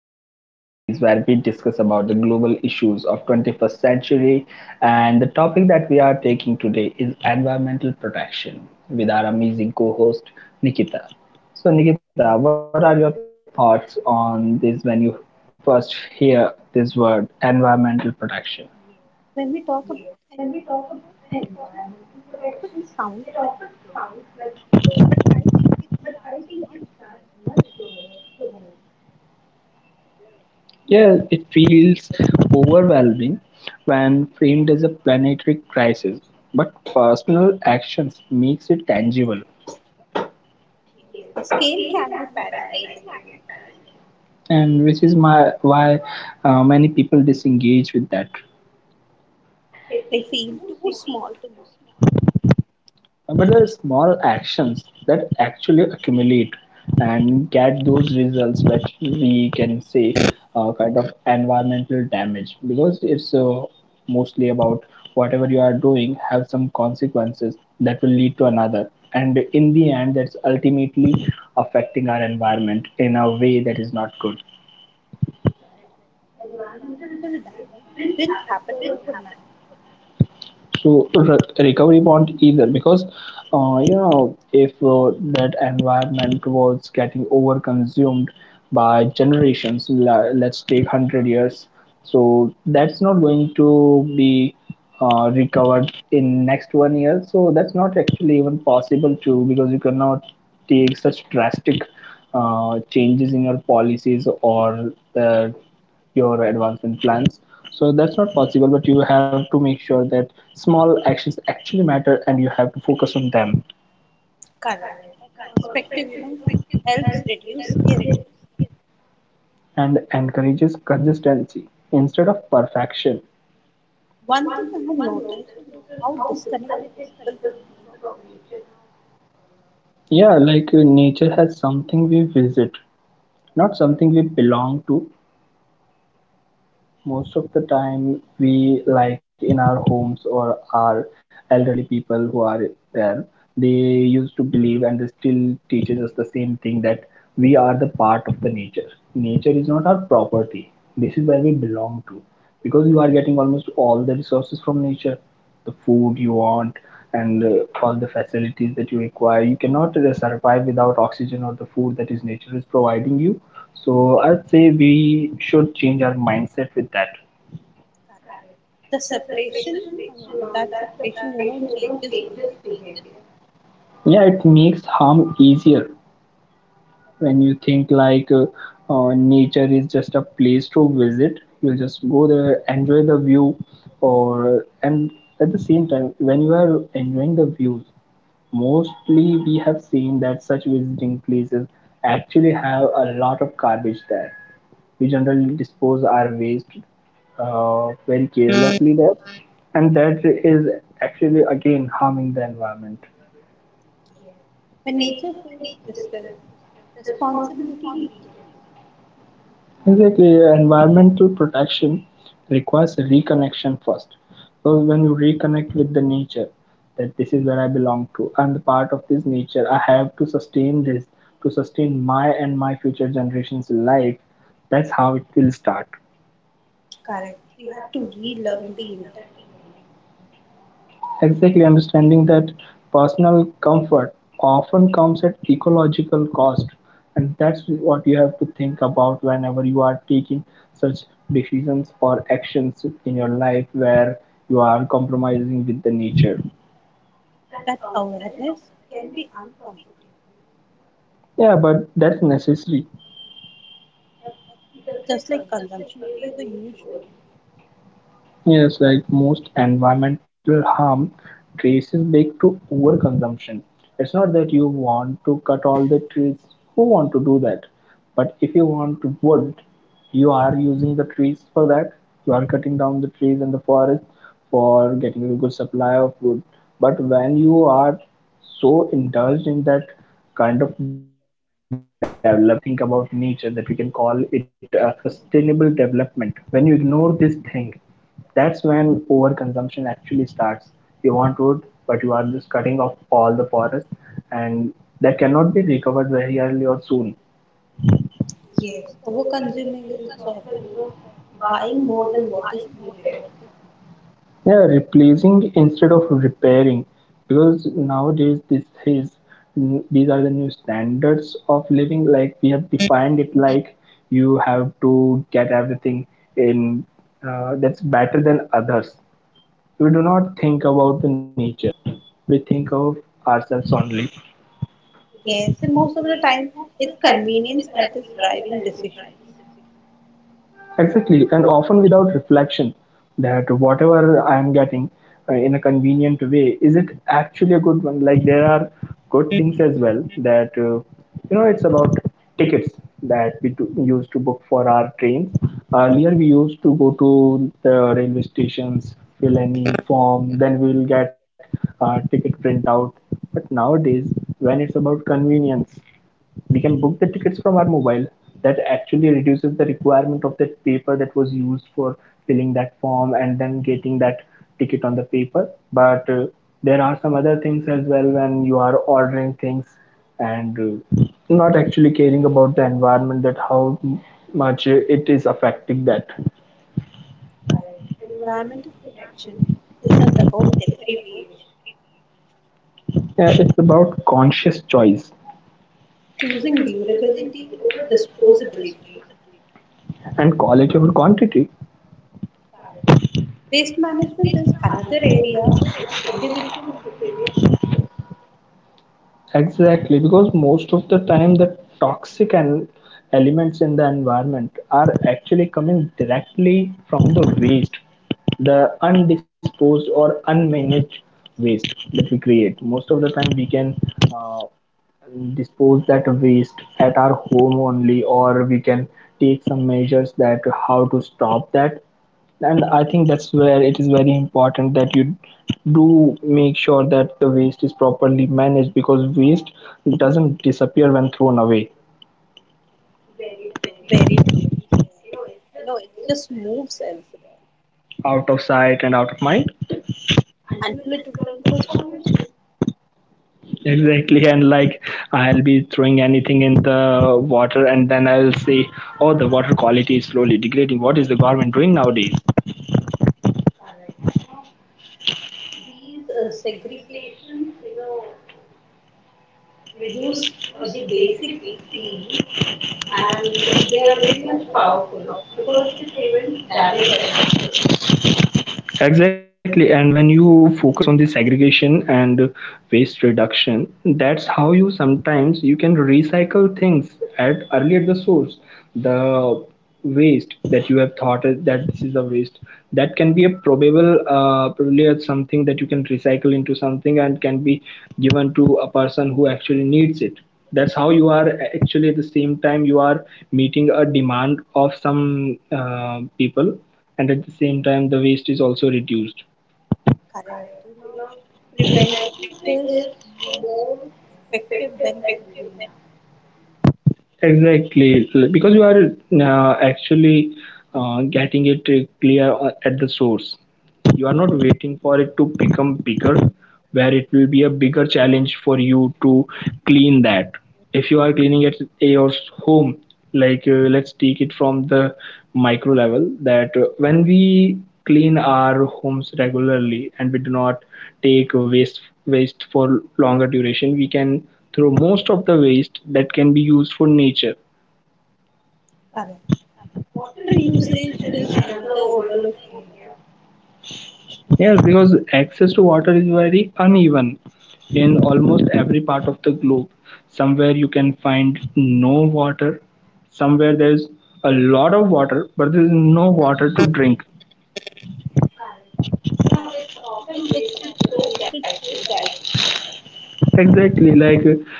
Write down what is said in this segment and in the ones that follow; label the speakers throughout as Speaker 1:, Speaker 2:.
Speaker 1: Podcast series where we discuss about the global issues of 21st century, and the topic that we are taking today is environmental protection with our amazing co-host Nikita. So Nikita, what are your thoughts on this when you first hear this word environmental protection?
Speaker 2: Like, but I think it starts much closer to home.
Speaker 1: Yeah, it feels overwhelming when framed as a planetary crisis, but personal actions makes it tangible.
Speaker 2: Yes, the scale can be paralyzing at times.
Speaker 1: And which is my why many people disengage with that.
Speaker 2: They feel too small to matter.
Speaker 1: But there are small actions that actually accumulate, and those results that we can say kind of environmental damage, because it's mostly about whatever you are doing have some consequences that will lead to another, and in the end that's ultimately affecting our environment in a way that is not good
Speaker 2: Correct. Environmental damage didn't happen overnight.
Speaker 1: to recovery bond either, because you know if that environment was getting over consumed by generations, let's take 100 years, so that's not going to be recovered in next 1 year. So that's not actually even possible to, because you cannot take such drastic changes in your policies or the your advancement plans. So that's not possible, but you have to make sure that small actions actually matter and you have to focus on them.
Speaker 2: Correct. That perspective, helps reduce guilt.
Speaker 1: And encourages consistency instead of perfection.
Speaker 2: One thing I have noticed is how disconnected people feel from nature now.
Speaker 1: Yeah, like nature has something we visit, not something we belong to. Most of the time we like in our homes, or our elderly people who are there, they used to believe and they still teaches us the same thing, that we are the part of the nature. Nature is not our property. This is where we belong to. Because you are getting almost all the resources from nature, the food you want and all the facilities that you require. You cannot survive without oxygen or the food that is nature is providing you. So I'd say we should change our mindset with that.
Speaker 2: Correct. The separation, that separation, changes behavior.
Speaker 1: Yeah, it makes harm easier when you think like nature is just a place to visit, you'll just go there, enjoy the view or, and at the same time when you are enjoying the views, mostly we have seen that such visiting places actually have a lot of garbage there. We generally dispose our waste very carelessly there, and that is actually again harming the environment.
Speaker 2: Yes. When nature feels distant, responsibility weakens.
Speaker 1: Exactly, yeah, environmental protection requires a reconnection first. Because when you reconnect with the nature, that this is where I belong to, I'm the part of this nature. I have to sustain this to sustain my and my future generations' life. That's how it will start.
Speaker 2: Correct. We have to relearn the interdependence.
Speaker 1: Exactly, understanding that personal comfort often comes at ecological cost, and that's what you have to think about whenever you are taking such decisions or actions in your life where you are compromising with the nature.
Speaker 2: That awareness can be uncomfortable.
Speaker 1: Yeah, but that's necessary.
Speaker 2: Yep. Just like consumption plays a huge role.
Speaker 1: Yes, like most environmental harm traces back to overconsumption. It's not that you want to cut all the trees, who want to do that? But if you want to wood, you are using the trees for that. You are cutting down the trees in the forest for getting a good supply of wood. But when you are so indulged in that kind of development where you do not think about nature, that we can call it a sustainable development, when you ignore this thing, that's when overconsumption actually starts. You want wood, but you are just cutting off all the forest, and that cannot be recovered very early or soon.
Speaker 2: Yes, overconsuming is often, buying more than what is needed.
Speaker 1: Yeah, replacing instead of repairing, because nowadays this is these are the new standards of living. Like we have defined it, like you have to get everything in that's better than others. We do not think about the nature; we think of ourselves only.
Speaker 2: Yes, and most of the time it's convenience that is driving decisions.
Speaker 1: Exactly, and often without reflection that whatever I'm getting in a convenient way, is it actually a good one? Like there are good things as well that, you know, it's about tickets that we do, used to book for our trains. Earlier, we used to go to the railway stations, fill any form, then we'll get ticket printout. But nowadays, when it's about convenience, we can book the tickets from our mobile. That actually reduces the requirement of that paper that was used for filling that form and then getting that ticket on the paper. But there are some other things as well when you are ordering things and not actually caring about the environment, that how much it is affecting that.
Speaker 2: Correct. Environmental protection isn't about deprivation.
Speaker 1: Yeah, it's about conscious choice
Speaker 2: Choosing durability over disposability.
Speaker 1: and quality over quantity.
Speaker 2: Waste management is another area where individual behavior matters
Speaker 1: Exactly, because most of the time the toxic and elements in the environment are actually coming directly from the waste, the undisposed or unmanaged waste that we create. Most of the time we can uh, dispose that waste at our home only, or we can take some measures that how to stop that. And I think that's where it is very important that you do make sure that the waste is properly managed, because waste doesn't disappear when thrown away.
Speaker 2: very truly. Sir. It just moves elsewhere
Speaker 1: Out of sight and out of mind.
Speaker 2: until it returns as pollution.
Speaker 1: Exactly, and like, I'll be throwing anything in the water and then I'll say, oh, the water quality is slowly degrading, what is the government doing nowadays?
Speaker 2: Correct. Now, these segregations, reduce the basic feel, and they are very much powerful because they prevent damage at the source.
Speaker 1: Exactly, and when you focus on the segregation and waste reduction, that's how you sometimes you can recycle things at early at the source. The waste that you have thought is- that this is a waste that can be a probable probably as something that you can recycle into something and can be given to a person who actually needs it. That's how you are actually, at the same time you are meeting a demand of some people, and at the same time the waste is also reduced.
Speaker 2: Correct. Prevention is more effective than cleanup.
Speaker 1: Exactly, because you are actually getting it clear at the source. You're not waiting for it to become bigger, where it will be a bigger challenge for you to clean that. If you are cleaning at your home, like let's take it from the micro level, that when we clean our homes regularly and we do not take waste for longer duration, we can throw most of the waste that can be used for nature.
Speaker 2: Correct. Water usage is another overlooked area.
Speaker 1: Yes, because access to water is very uneven in almost every part of the globe. Somewhere you can find no water, somewhere there's a lot of water, but there's no water to drink.
Speaker 2: Correct. Now, it's often wasted so casually.
Speaker 1: Exactly, like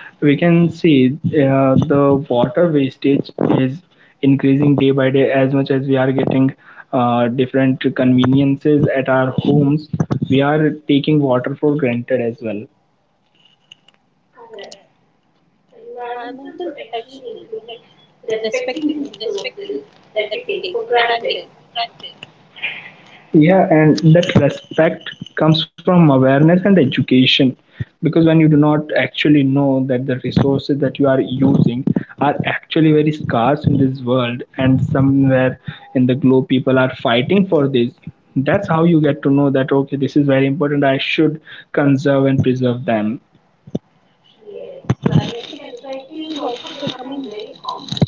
Speaker 1: we can see the water wastage is increasing day by day. As much as we are getting different conveniences at our homes, we are taking water for granted as well.
Speaker 2: Correct. Environmental protection includes respecting resources that we take for granted.
Speaker 1: Yeah, and that respect comes from awareness and education. Because when you do not actually know that the resources that you are using are actually very scarce in this world, and somewhere in the globe people are fighting for this, that's how you get to know that okay, this is very important, I should conserve and preserve them.
Speaker 2: Yes. Climatic anxiety is also becoming very common.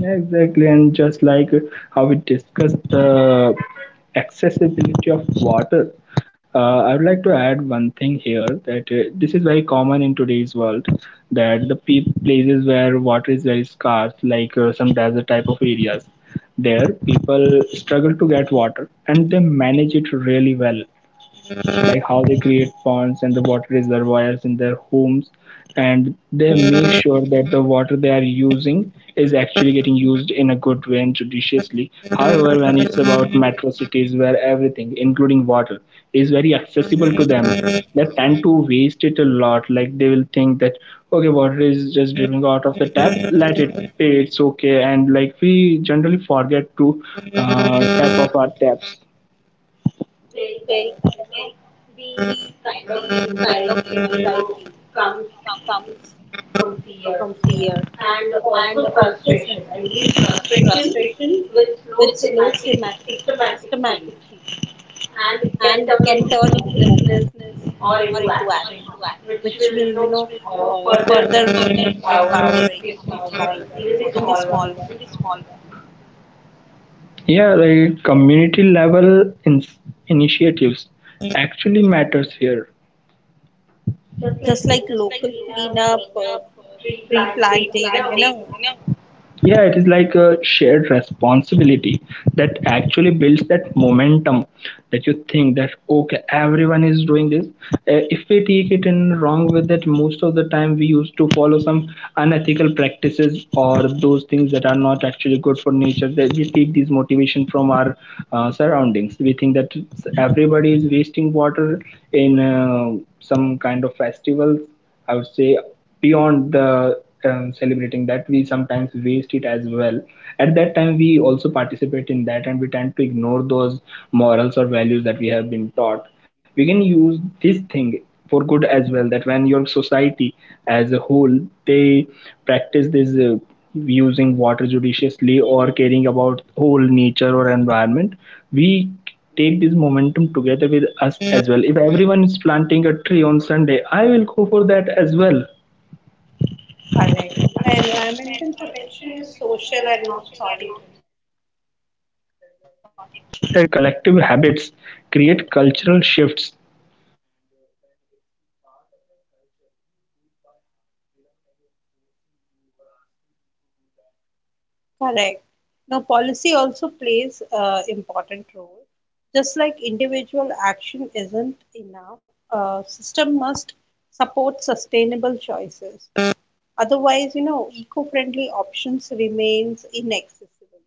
Speaker 1: Exactly, and just like how we discussed the accessibility of water, I would like to add one thing here that this is very common in today's world, that the places where water is very scarce, like some desert type of areas, there people struggle to get water and they manage it really well, much like how they create ponds and the water reservoirs in their homes, and they make sure that the water they are using is actually getting used in a good way and judiciously. However, when it's about metro cities where everything including water is very accessible to them, they tend to waste it a lot. Like they will think that okay, water is just dripping out of the tap, let it be, it's okay, and like we generally forget to tap off our taps.
Speaker 2: Very common. These kind of anxiety, comes from fear and also frustration. And these frustration with slow systematic change and can turn into hopelessness or into action, which will further empowering the small ones, even the small ones,
Speaker 1: Yeah, right. Community level initiatives actually matters here.
Speaker 2: just like local cleanup, tree planting,
Speaker 1: Yeah, it is like a shared responsibility that actually builds that momentum, that you think that okay, everyone is doing this. If we take it in wrong with that, most of the time we used to follow some unethical practices or those things that are not actually good for nature, that we take this motivation from our surroundings. We think that everybody is wasting water in some kind of festivals, I would say beyond the celebrating, that we sometimes waste it as well. At that time we also participate in that, and we tend to ignore those morals or values that we have been taught. We can use this thing for good as well, that when your society as a whole they practice this using water judiciously or caring about whole nature or environment, we take this momentum together with us as well. If everyone is planting a tree on Sunday, I will go for that as well.
Speaker 2: correct. Environmental protection is social and not solitary.
Speaker 1: Exactly, and collective habits create cultural shifts. And when it's part of your culture, you do it by heart without anyone forcing you or asking you to do that.
Speaker 2: Correct. Now, policy also plays a important role. Just like individual action isn't enough, system must support sustainable choices. Otherwise, eco-friendly options remains inaccessible.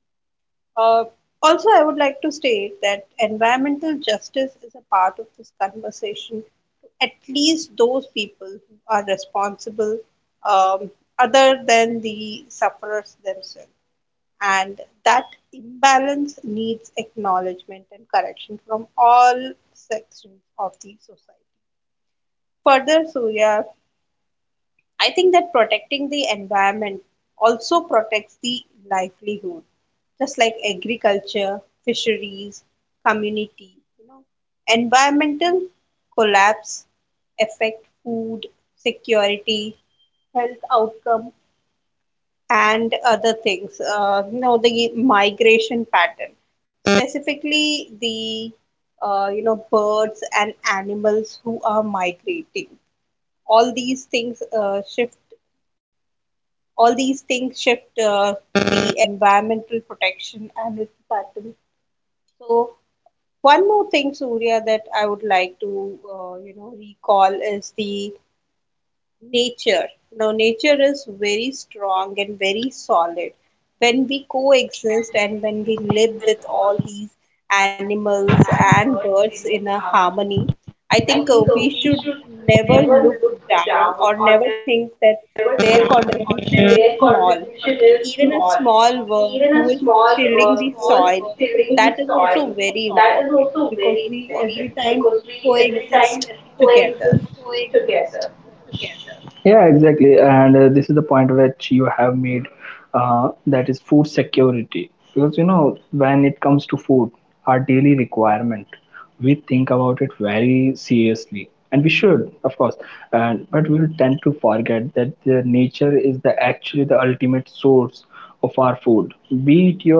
Speaker 2: Uh, also, I would like to state that environmental justice is a part of this conversation, to at least those people who are responsible, um, other than the sufferers themselves, and that imbalance needs acknowledgement and correction from all sections of the society. Further, Surya, I think that protecting the environment also protects the livelihood, just like agriculture, fisheries, community. You know, Environmental collapse affect food security, health outcome, and other things. The migration pattern, specifically the birds and animals who are migrating. All these things shift. All these things shift the environmental protection and its pattern. So one more thing, Surya, that I would like to recall is the nature. Now nature is very strong and very solid when we coexist and when we live with all these animals and birds in a harmony. I think we should never look down or never think that their contribution is small. Even a small worm who is tilling the soil, that is also very important, because we every time coexist together.
Speaker 1: Yeah, exactly. And this is the point which you have made, that is food security. Because, you know, when it comes to food, our daily requirement, we think about it very seriously. And we should, of course, and but we will tend to forget that the nature is the actually the ultimate source of our food, be it your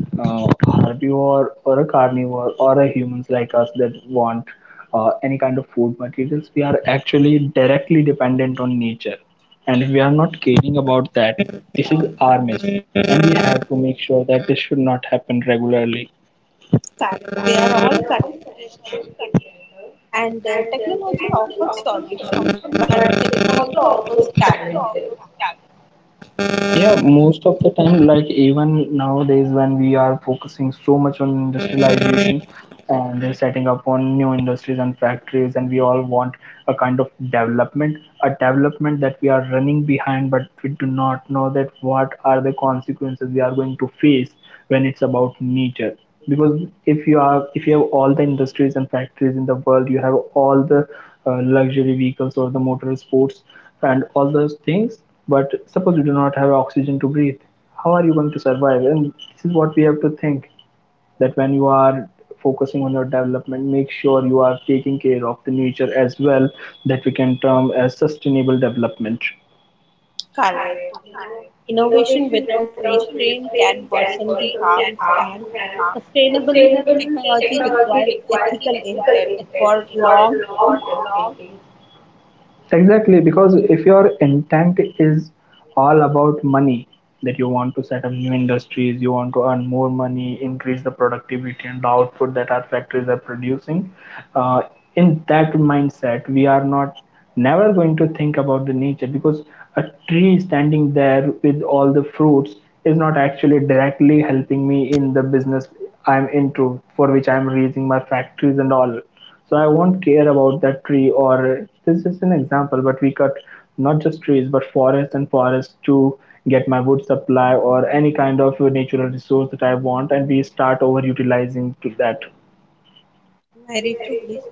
Speaker 1: herbivore or a carnivore or a humans like us that want any kind of food materials, we are actually directly dependent on nature. And if we are not caring about that, this is our mess. And we have to make sure that this should not happen regularly.
Speaker 2: They are all connected together, and technology offers solutions, but it also offers challenges.
Speaker 1: Yeah, most of the time, like even nowadays, when we are focusing so much on industrialization and then setting up on new industries and factories, and we all want a kind of development, a development that we are running behind, but we do not know that what are the consequences we are going to face when it's about nature. Because if you have all the industries and factories in the world, you have all the luxury vehicles or the motor sports and all those things, but suppose you do not have oxygen to breathe, how are you going to survive? And this is what we have to think, that when you are focusing on your development, make sure you are taking care of the nature as well, that we can term as sustainable development.
Speaker 2: Correct. Innovation without restraint can worsen the harms, and sustainable technology requires ethical intent for long term thinking.
Speaker 1: Exactly, because if your intent is all about money, that you want to set up new industries, you want to earn more money, increase the productivity and the output that our factories are producing, uh, in that mindset, we are not never going to think about the nature because a tree standing there with all the fruits is not actually directly helping me in the business I'm into, for which I'm raising my factories and all. So I won't care about that tree. Or this is an example, but we cut not just trees but forests and forests to get my wood supply or any kind of natural resource that I want, and we start over utilizing to that.
Speaker 2: Very true, Lisa.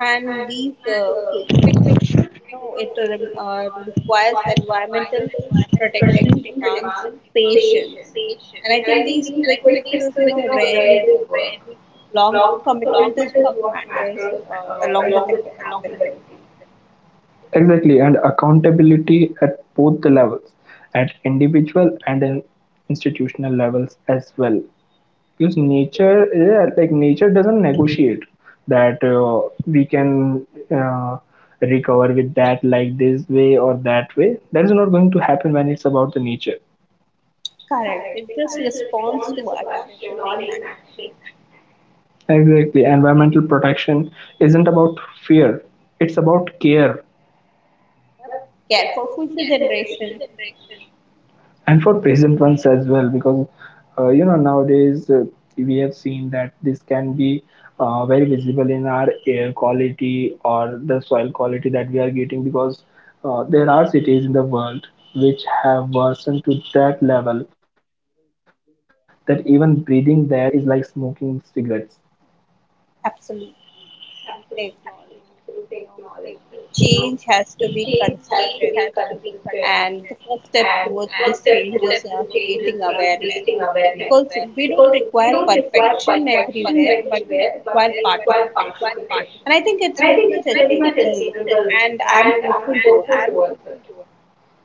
Speaker 2: And these quick fixes, requires environmental protection, demands patience. And I think these quick fixes, rarely work. Long term commitment is what matters, along with accountability.
Speaker 1: Exactly, and accountability at both the levels, at individual and in institutional levels as well. Because nature, yeah, like nature doesn't negotiate that we can uh, recover with that like this way or that way. That is not going to happen when it's about the nature.
Speaker 2: Correct. It just responds to action or inaction.
Speaker 1: Exactly. Environmental protection isn't about fear, it's about care.
Speaker 2: Yep. Care for future generation.
Speaker 1: And for present ones as well, because you know, nowadays, we have seen that this can be very visible in our air quality or the soil quality that we are getting, because there are cities in the world which have worsened to that level that even breathing there is like smoking cigarettes.
Speaker 2: Absolutely. Absolutely acknowledge this. The change has to be consistent. And the first step towards this change is creating awareness, because we don't require perfection everywhere, but we require participation. And I think it's very much achievable, and I'm hopeful towards it.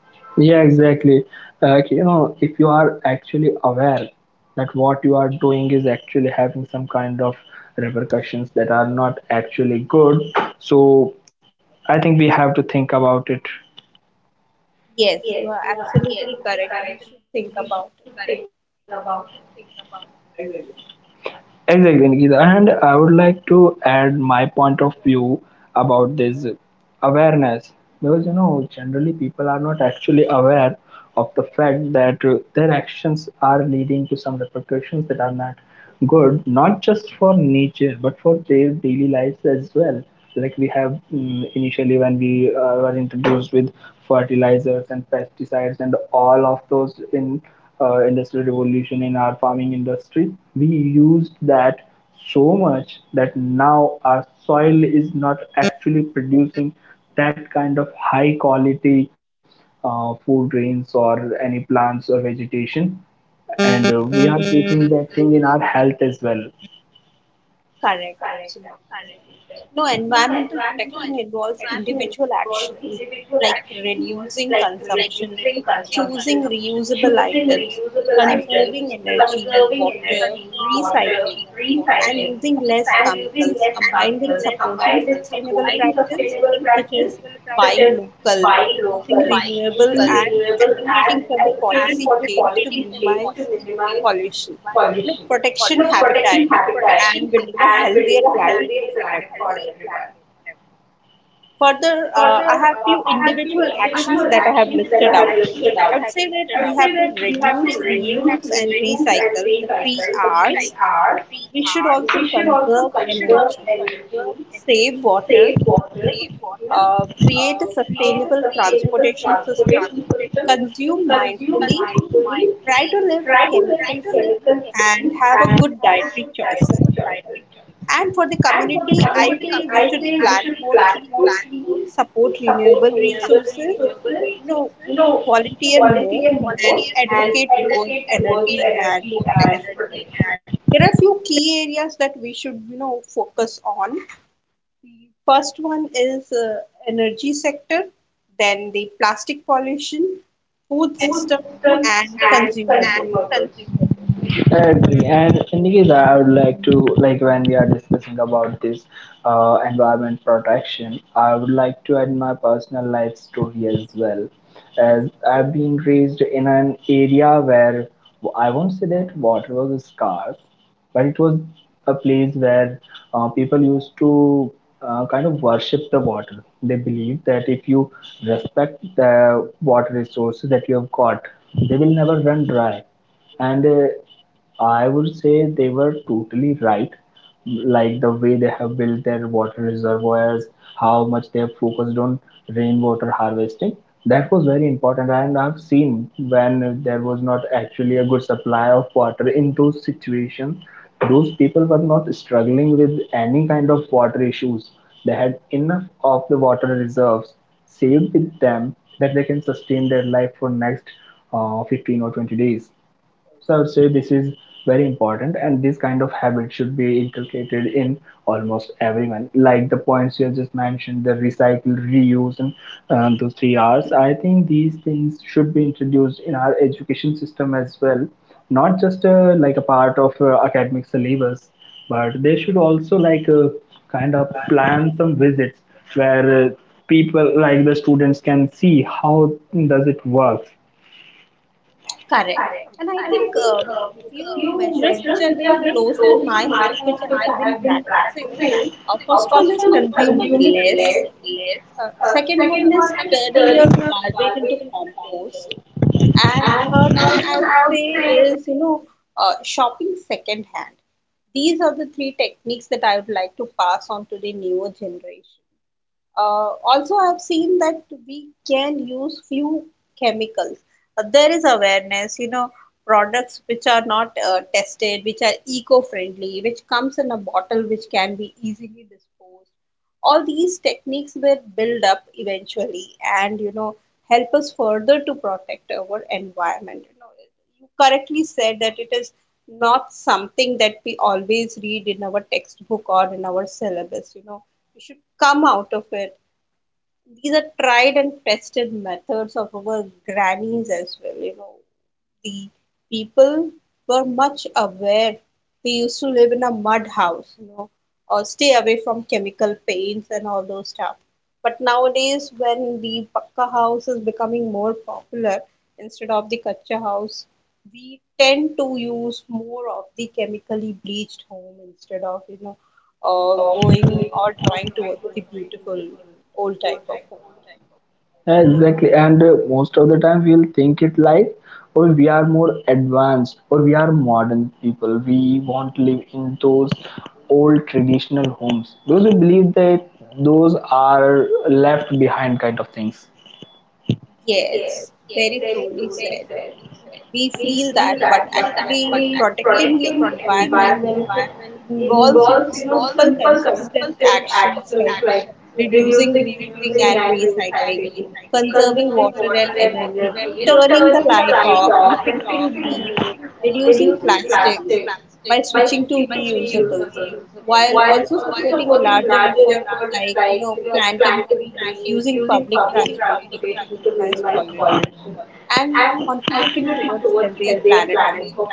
Speaker 1: Yeah, exactly. Like, you know, if you are actually aware that what you are doing is actually having some kind of repercussions that are not actually good, so I think we have to think about it.
Speaker 2: Yes, you are absolutely correct. We should think about it.
Speaker 1: Exactly, Nikita. And I would like to add my point of view about this awareness, because, you know, generally people are not actually aware of the fact that their actions are leading to some repercussions that are not good, not just for nature but for their daily lives as well. Like, we have, initially, when we were introduced with fertilizers and pesticides and all of those in industrial revolution in our farming industry, we used that so much that now our soil is not actually producing that kind of high quality food grains or any plants or vegetation, and we are facing that thing in our health as well.
Speaker 2: Correct, absolutely, sir. No, environmental protection involves individual actions like reducing consumption, choosing reusable items, conserving energy, water, recycling, and using less chemicals, combined with supporting sustainable practice such as buying local, using renewable, and advocating for the policy change to minimize pollution. Look, protection habitat, and building a healthier planet for everyone. Further, I have few individual actions that I have listed out. I would say that we have to reduce, reuse, and recycle, the three R's. We should also conserve energy, save water, you know, create a sustainable transportation system, consume mindfully, try to live chemical free, and have a good dietary choices. And for the community, I say we should plant more trees, support renewable resources, you know, volunteer more, and advocate towards energy and protection. There are few key areas that we should, focus on. The first one is energy sector, then the plastic pollution, food system, and consumer goods.
Speaker 1: I agree. And Nikita, I would like to, like, when we are discussing about this environment protection, I would like to add my personal life story as well. As I've been raised in an area where I won't say that water was scarce, but it was a place where people used to kind of worship the water. They believe that if you respect the water resources that you have got, they will never run dry, and I would say they were totally right. Like the way they have built their water reservoirs, how much they have focused on rainwater harvesting. That was very important, and I've seen when there was not actually a good supply of water in those situations, those people were not struggling with any kind of water issues. They had enough of the water reserves saved with them that they can sustain their life for next 15 or 20 days. So I would say this is very important, and this kind of habit should be inculcated in almost everyone. Like the points you have just mentioned, the recycle, reuse, and those three R's. I think these things should be introduced in our education system as well, not just like a part of academic syllabus, but they should also, like, kind of plan some visits where, people like the students can see how does it work.
Speaker 2: Correct. And I think a few measures which are very close to my heart, which I have been practicing. First one is consuming less. Second one is turning your garbage into compost. And third one, I would say, is shopping second hand. These are the three techniques that I would like to pass on to the newer generation. Also, I have seen that we can use few chemicals. There is awareness, products which are not tested, which are eco-friendly, which comes in a bottle, which can be easily disposed. All these techniques will build up eventually, and help us further to protect our environment. You correctly said that it is not something that we always read in our textbook or in our syllabus. We should come out of it. These are tried and tested methods of our grannies as well. The people were much aware. They used to live in a mud house, or stay away from chemical paints and all those stuff. But nowadays, when the pakka house is becoming more popular instead of the kacha house, we tend to use more of the chemically bleached home instead of, going or trying towards the beautiful old type of home.
Speaker 1: Yeah, exactly, and most of the time we'll think it like, or we are more advanced or we are modern people. We won't live in those old traditional homes because we believe that those are left behind kind of things.
Speaker 2: Yes, very truly said. We feel that, but actually protecting the environment involves, simple, consistent actions like reducing, reusing, and recycling, conserving water and energy, turning the light off and fixing leak, reducing plastics by switching to reusables, while also supporting larger efforts like planting trees, using public transportation to minimize pollution, and contributing towards healthier planet for future.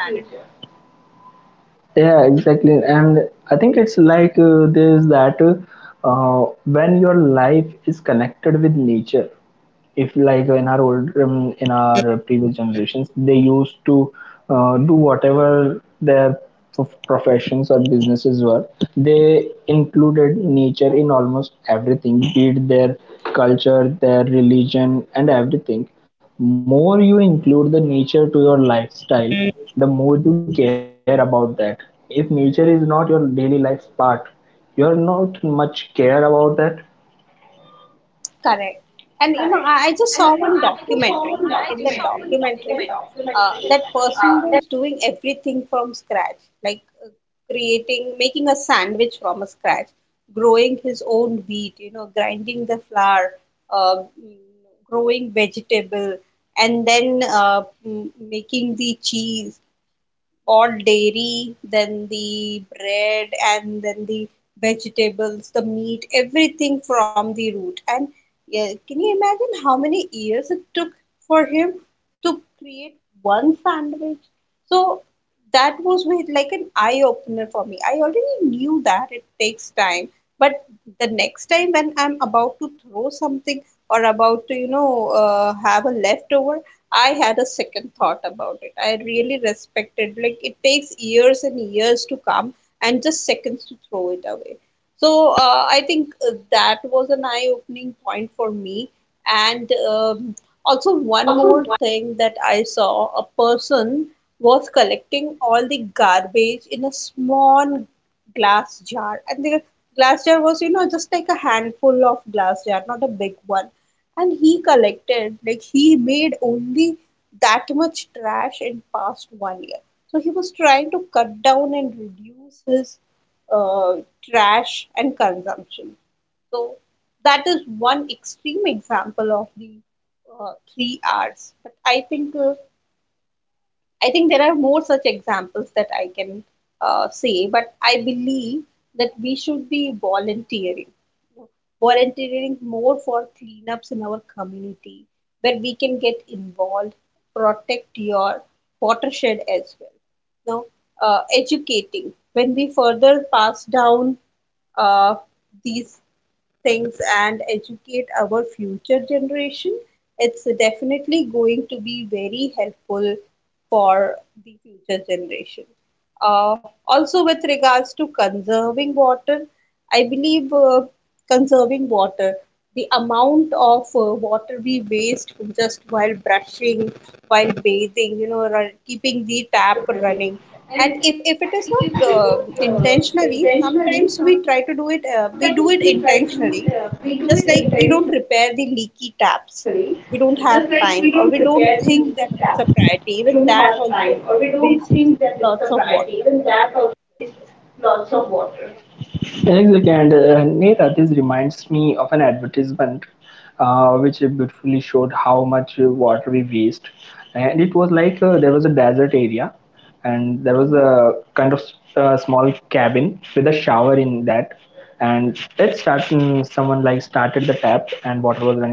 Speaker 1: Yeah, exactly. And I think it's like there's that when your life is connected with nature, if like in our old in our previous generations, they used to do whatever their professions or businesses were. They included nature in almost everything, be it their culture, their religion, and everything. More you include the nature to your lifestyle, the more you care about that. If nature is not your daily life part, you are not much care about that.
Speaker 2: Correct. And I just saw one documentary. In that documentary, that person was doing everything from scratch, like creating, making a sandwich from a scratch, growing his own wheat, grinding the flour, growing vegetable, and then making the cheese, all dairy, then the bread, and then the vegetables, the meat, everything from the root. And yeah, can you imagine how many years it took for him to create one sandwich? So that was like an eye opener for me. I already knew that it takes time, but the next time when I'm about to throw something, or about to, have a leftover, I had a second thought about it. I really respected, like it takes years and years to come, and just seconds to throw it away. So I think that was an eye-opening point for me. And also one more thing, that I saw a person was collecting all the garbage in a small glass jar, and the glass jar was, just like a handful of glass jar, not a big one. And he collected, like he made only that much trash in past one year. So he was trying to cut down and reduce his uh, trash and consumption. So that is one extreme example of the three R's, but I think there are more such examples that I can say, but I believe that we should be volunteering, volunteering more for cleanups in our community, where we can get involved, protect your watershed as well. Now, educating, when we further pass down uh, these things and educate our future generation, it's definitely going to be very helpful for the future generation. Also, with regards to conserving water, I believe conserving water, the amount of water we waste just while brushing, while bathing, keeping the tap running. And if it is not intentionally, sometimes we try to do it, we do it intentionally. Just like we don't repair the leaky taps, we don't have time, or we don't think that it's a priority, even that also wastes lots of water.
Speaker 1: Exactly, and Neera, this reminds me of an advertisement which beautifully showed how much water we waste. And it was like, there was a desert area, and there was a kind of small cabin with a shower in that, and let it started, someone like started the tap and water was running down the shower.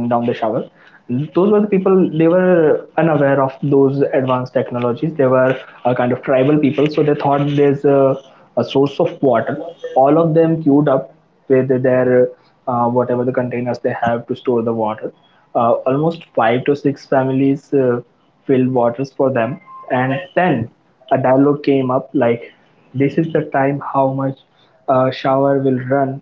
Speaker 1: Those were the people, they were unaware of those advanced technologies. They were a kind of tribal people, so they thought there's a source of water. All of them queued up with their whatever the containers they have to store the water. Almost 5 to 6 families filled waters for them, and then a dialogue came up like, this is the time how much a shower will run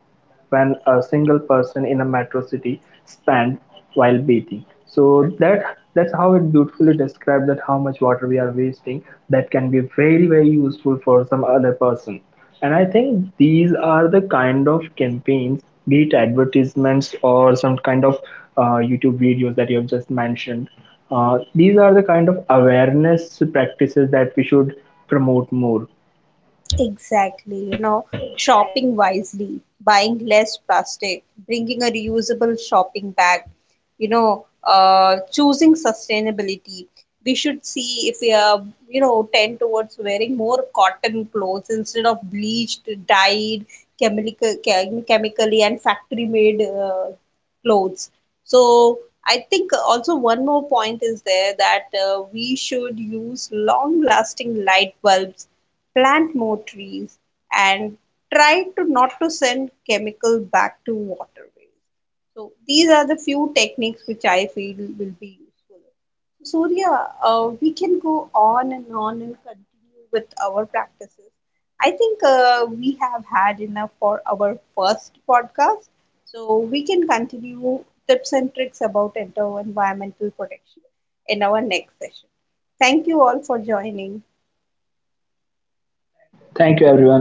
Speaker 1: when a single person in a metro city spend while bathing. So that's how it beautifully describes that how much water we are wasting, that can be very, very useful for some other person. And I think these are the kind of campaigns, be it advertisements or some kind of YouTube videos that you have just mentioned. These are the kind of awareness practices that we should promote more.
Speaker 2: Exactly, shopping wisely, buying less plastic, bringing a reusable shopping bag, choosing sustainability. We should see if we are, tend towards wearing more cotton clothes instead of bleached, dyed, chemically and factory made clothes. So I think also one more point is there, that we should use long lasting light bulbs, plant more trees, and try to not to send chemical back to waterways. So these are the few techniques which I feel will be useful. Surya, we can go on and continue with our practices. I think we have had enough for our first podcast. So we can continue tips and tricks about environmental protection in our next session. Thank you all for joining.
Speaker 1: Thank you, everyone.